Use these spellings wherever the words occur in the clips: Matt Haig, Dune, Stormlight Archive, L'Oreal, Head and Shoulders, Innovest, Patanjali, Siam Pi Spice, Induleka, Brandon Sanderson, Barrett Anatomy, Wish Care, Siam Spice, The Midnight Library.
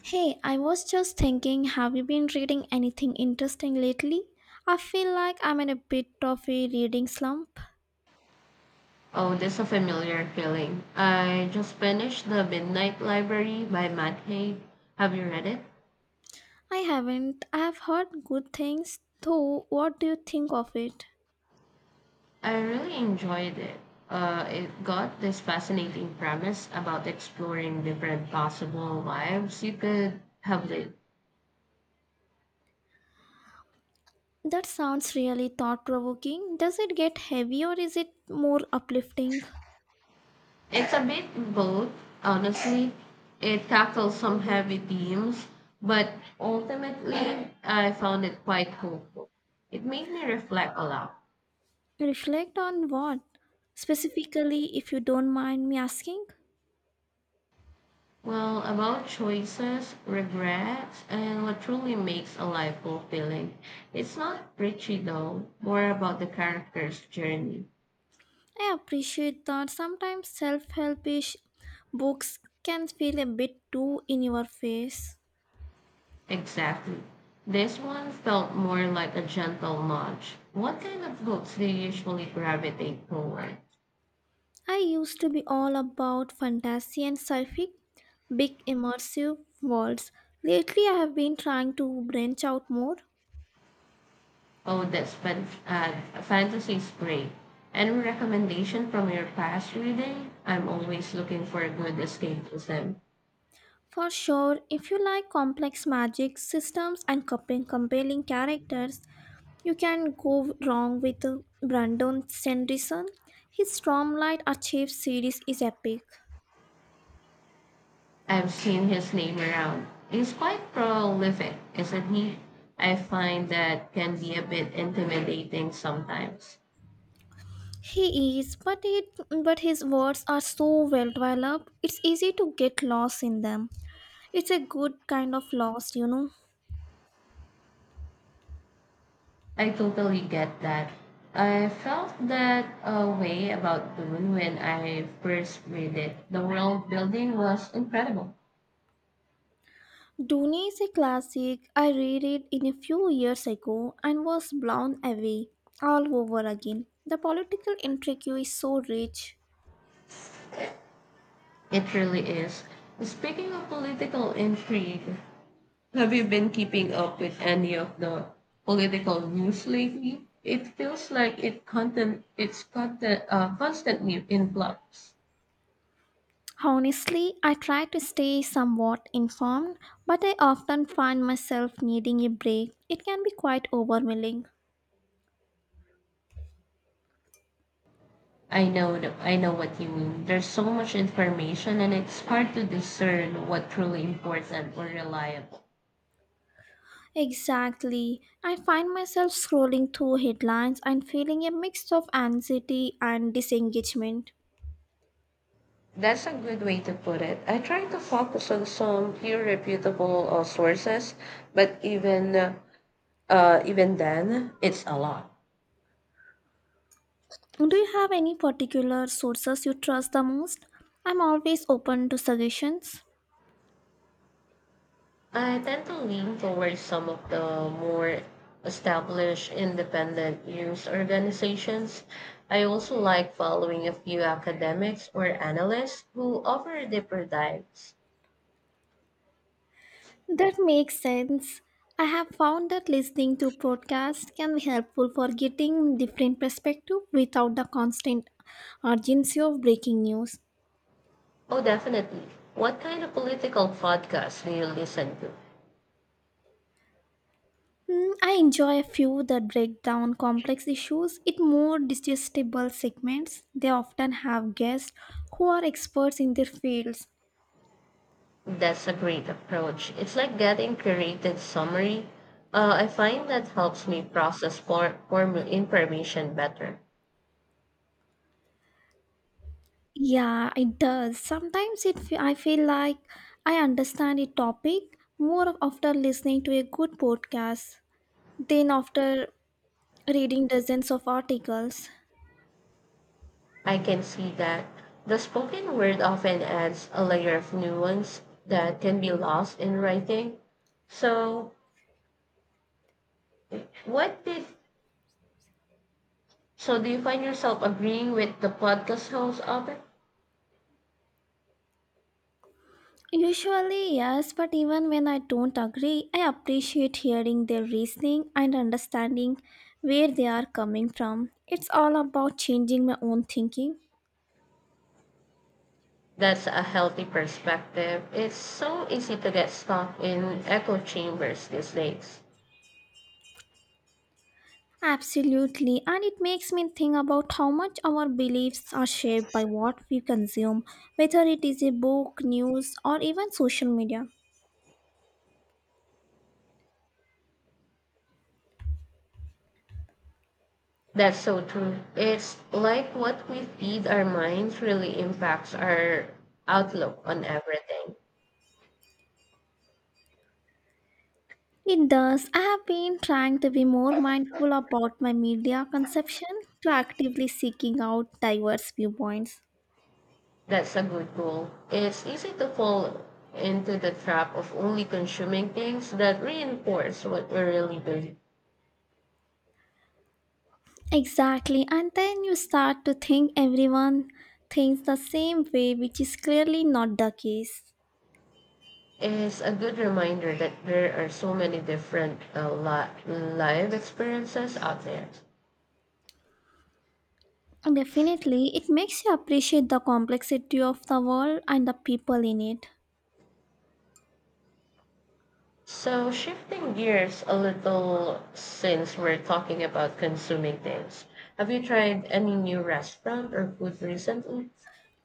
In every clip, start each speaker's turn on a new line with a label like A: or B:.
A: Hey, I was just thinking, have you been reading anything interesting lately? I feel like I'm in a bit of a reading slump.
B: Oh, that's a familiar feeling. I just finished The Midnight Library by Matt Haig. Have you read it?
A: I haven't. I have heard good things, though. What do you think of it?
B: I really enjoyed it. It got this fascinating premise about exploring different possible lives you could have lived.
A: That sounds really thought provoking. Does it get heavy or is it more uplifting?
B: It's a bit both, honestly. It tackles some heavy themes, but ultimately, I found it quite hopeful. It made me reflect a lot.
A: Reflect on what? Specifically, if you don't mind me asking.
B: Well, about choices, regrets, and what truly makes a life fulfilling. It's not preachy though, more about the character's journey.
A: I appreciate that sometimes self helpish books can feel a bit too in your face.
B: Exactly. This one felt more like a gentle nudge. What kind of books do you usually gravitate toward?
A: I used to be all about fantasy and sci fi, big immersive worlds. Lately, I have been trying to branch out more.
B: Oh, that's fantasy's great. Any recommendation from your past reading? I'm always looking for a good escapism.
A: For sure, if you like complex magic systems and compelling characters, you can go wrong with Brandon Sanderson. His Stormlight Archive series is epic.
B: I've seen his name around. He's quite prolific, isn't he? I find that can be a bit intimidating sometimes.
A: He is, but his words are so well developed. It's easy to get lost in them. It's a good kind of lost.
B: I totally get that. I felt that way about Dune when I first read it. The world building was incredible.
A: Dune is a classic. I read it in a few years ago and was blown away all over again. The political intrigue is so rich.
B: It really is. Speaking of political intrigue, have you been keeping up with any of the political news lately? It feels like it content it's content constantly influx.
A: Honestly, I try to stay somewhat informed, but I often find myself needing a break. It can be quite overwhelming.
B: I know what you mean. There's so much information and it's hard to discern what truly important or reliable.
A: Exactly. I find myself scrolling through headlines and feeling a mix of anxiety and disengagement.
B: That's a good way to put it. I try to focus on some few reputable sources, but even then, it's a lot.
A: Do you have any particular sources you trust the most? I'm always open to suggestions.
B: I tend to lean towards some of the more established independent news organizations. I also like following a few academics or analysts who offer deeper dives.
A: That makes sense. I have found that listening to podcasts can be helpful for getting different perspective without the constant urgency of breaking news.
B: Oh, definitely. What kind of political podcast do you listen to?
A: I enjoy a few that break down complex issues in more digestible segments. They often have guests who are experts in their fields.
B: That's a great approach. It's like getting curated summary. I find that helps me process formal information better.
A: Yeah, it does. Sometimes I feel like I understand a topic more after listening to a good podcast than after reading dozens of articles.
B: I can see that the spoken word often adds a layer of nuance that can be lost in writing. So, what did so do you find yourself agreeing with the podcast host often?
A: Usually, yes, but even when I don't agree, I appreciate hearing their reasoning and understanding where they are coming from. It's all about changing my own thinking.
B: That's a healthy perspective. It's so easy to get stuck in echo chambers these days.
A: Absolutely, and it makes me think about how much our beliefs are shaped by what we consume, whether it is a book, news, or even social media.
B: That's so true. It's like what we feed our minds really impacts our outlook on everything.
A: It does. I have been trying to be more mindful about my media consumption, proactively seeking out diverse viewpoints.
B: That's a good goal. It's easy to fall into the trap of only consuming things that reinforce what we really believe.
A: Exactly, and then you start to think everyone thinks the same way, which is clearly not the case.
B: It's a good reminder that there are so many different live experiences out there.
A: Definitely, it makes you appreciate the complexity of the world and the people in it.
B: So, shifting gears a little since we're talking about consuming things, have you tried any new restaurant or food recently?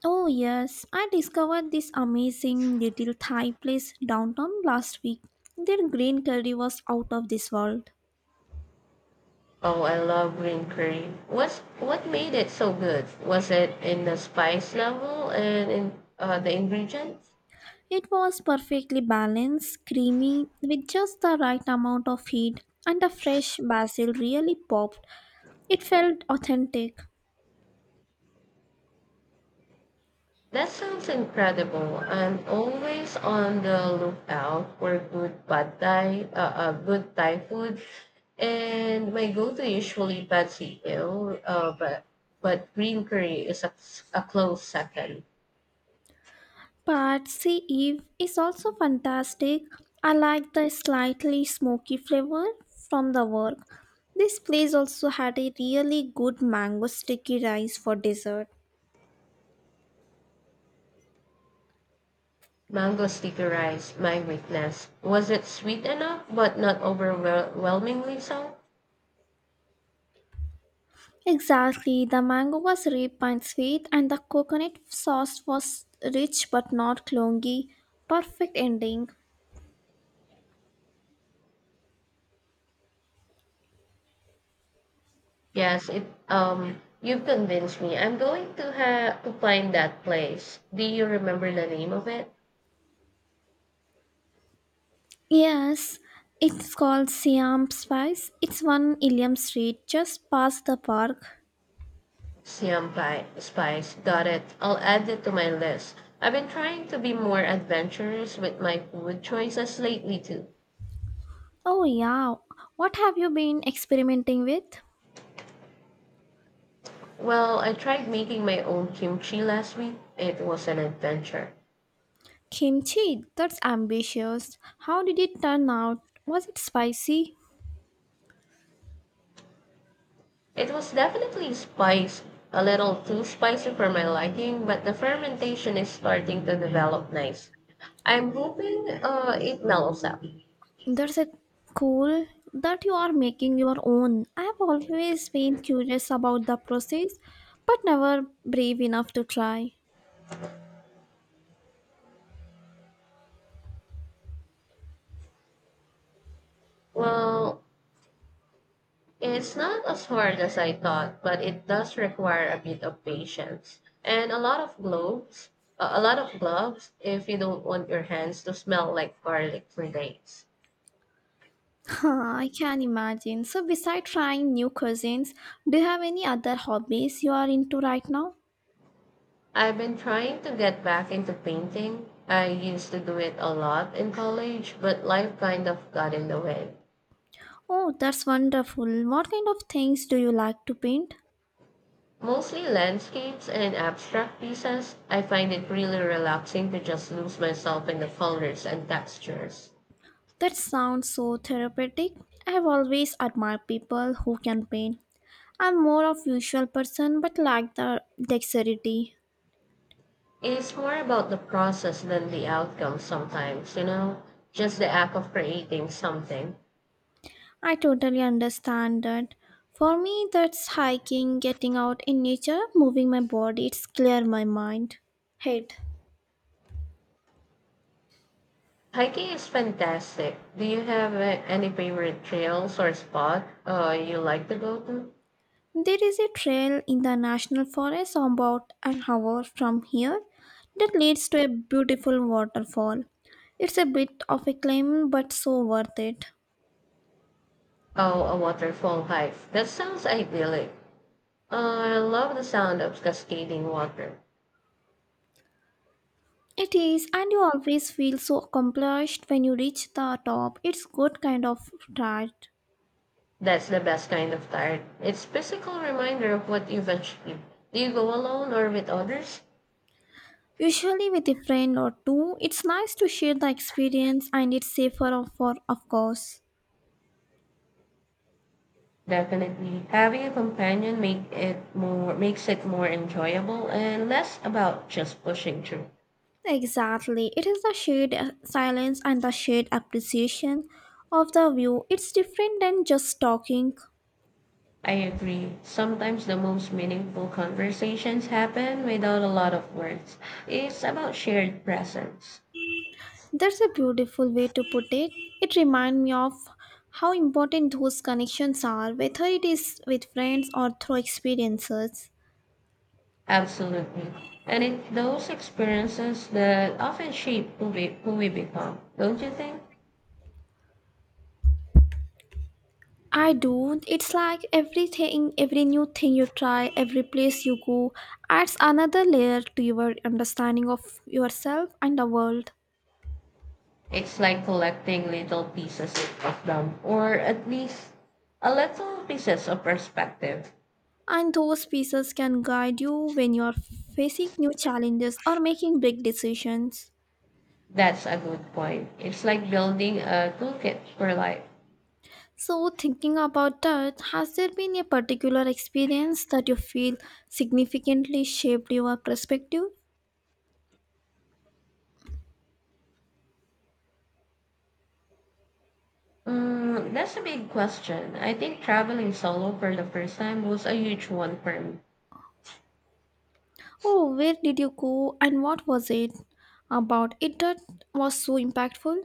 A: Oh, yes, I discovered this amazing little Thai place downtown last week. Their green curry was out of this world.
B: Oh, I love green curry. What made it so good? Was it in the spice level and in the ingredients?
A: It was perfectly balanced, creamy, with just the right amount of heat, and the fresh basil really popped. It felt authentic.
B: That sounds incredible. I'm always on the lookout for good pad thai, good Thai food, and my go-to usually pad see ew, but green curry is a close second.
A: But Eve is also fantastic. I like the slightly smoky flavor from the work. This place also had a really good mango sticky rice for dessert.
B: Mango sticky rice, my weakness. Was it sweet enough, but not overwhelmingly so?
A: Exactly, the mango was ripe and sweet, and the coconut sauce was rich but not clongy. Perfect ending.
B: Yes, it you've convinced me. I'm going to have to find that place. Do you remember the name of it?
A: Yes, it's called Siam Spice. It's one Ilium Street, just past the park.
B: Siam Pi Spice. Got it. I'll add it to my list. I've been trying to be more adventurous with my food choices lately too.
A: Oh, yeah. What have you been experimenting with?
B: Well, I tried making my own kimchi last week. It was an adventure.
A: Kimchi, that's ambitious. How did it turn out? Was it spicy?
B: It was definitely spiced, a little too spicy for my liking, but the fermentation is starting to develop nice. I'm hoping it mellows out.
A: That's a cool that you are making your own. I have always been curious about the process, but never brave enough to try.
B: Well, it's not as hard as I thought, but it does require a bit of patience and a lot of gloves, a lot of gloves if you don't want your hands to smell like garlic for days.
A: Huh, I can imagine. So, besides trying new cuisines, do you have any other hobbies you are into right now?
B: I've been trying to get back into painting. I used to do it a lot in college, but life kind of got in the way.
A: Oh, that's wonderful. What kind of things do you like to paint?
B: Mostly landscapes and abstract pieces. I find it really relaxing to just lose myself in the colors and textures.
A: That sounds so therapeutic. I have always admired people who can paint. I'm more of usual person but lack the dexterity.
B: It's more about the process than the outcome sometimes, you know, just the act of creating something.
A: I totally understand that. For me that's hiking, getting out in nature, moving my body, it's clear my mind. Head.
B: Hiking is fantastic. Do you have any favorite trails or spot you like to go to?
A: There is a trail in the national forest about an hour from here that leads to a beautiful waterfall. It's a bit of a climb but so worth it.
B: Oh, a waterfall hike. That sounds idyllic. I love the sound of cascading water.
A: It is, and you always feel so accomplished when you reach the top. It's good kind of ride.
B: That's the best kind of tired. It's physical reminder of what you've achieved. Do you go alone or with others?
A: Usually with a friend or two, it's nice to share the experience and it's safer for of course.
B: Definitely. Having a companion makes it more enjoyable and less about just pushing through.
A: Exactly. It is the shared silence and the shared appreciation of the view. It's different than just talking.
B: I agree. Sometimes the most meaningful conversations happen without a lot of words. It's about shared presence.
A: That's a beautiful way to put it. It reminds me of how important those connections are, whether it is with friends or through experiences.
B: Absolutely. And it's those experiences that often shape who we become, don't you think?
A: I don't. It's like everything, every new thing you try, every place you go adds another layer to your understanding of yourself and the world.
B: It's like collecting little pieces of them, or at least a little pieces of perspective.
A: And those pieces can guide you when you're facing new challenges or making big decisions.
B: That's a good point. It's like building a toolkit for life.
A: So, thinking about that, has there been a particular experience that you feel significantly shaped your perspective?
B: Mm, that's a big question. I think traveling solo for the first time was a huge one for me.
A: Oh, where did you go and what was it about it that was so impactful?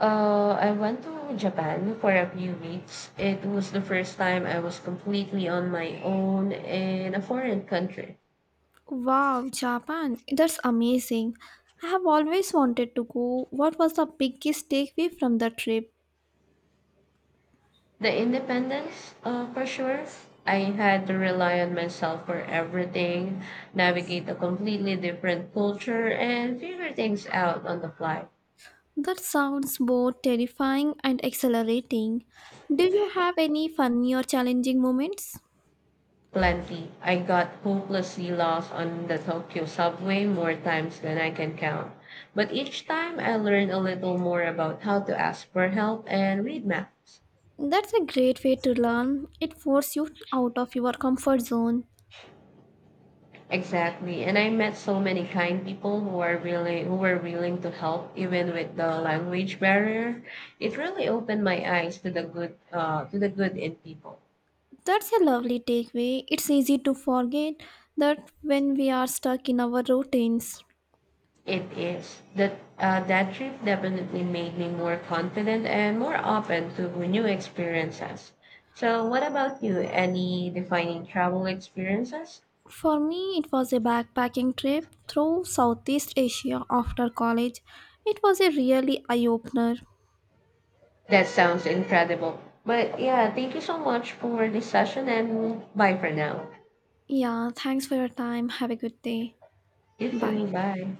B: I went to Japan for a few weeks. It was the first time I was completely on my own in a foreign country.
A: Wow, Japan. That's amazing. I have always wanted to go. What was the biggest takeaway from the trip?
B: The independence, for sure. I had to rely on myself for everything, navigate a completely different culture, and figure things out on the fly.
A: That sounds both terrifying and exhilarating. Do you have any funny or challenging moments?
B: Plenty. I got hopelessly lost on the Tokyo subway more times than I can count. But each time I learned a little more about how to ask for help and read maps.
A: That's a great way to learn. It forces you out of your comfort zone.
B: Exactly. And I met so many kind people who are really who were willing to help even with the language barrier. It really opened my eyes to the good in people.
A: That's a lovely takeaway. It's easy to forget that when we are stuck in our routines.
B: It is that trip definitely made me more confident and more open to new experiences. So, what about you? Any defining travel experiences?
A: For me, it was a backpacking trip through Southeast Asia after college. It was a really eye opener.
B: That sounds incredible. But yeah, thank you so much for this session and bye for now.
A: Yeah, thanks for your time. Have a good day.
B: You
A: Bye.
B: too. Bye.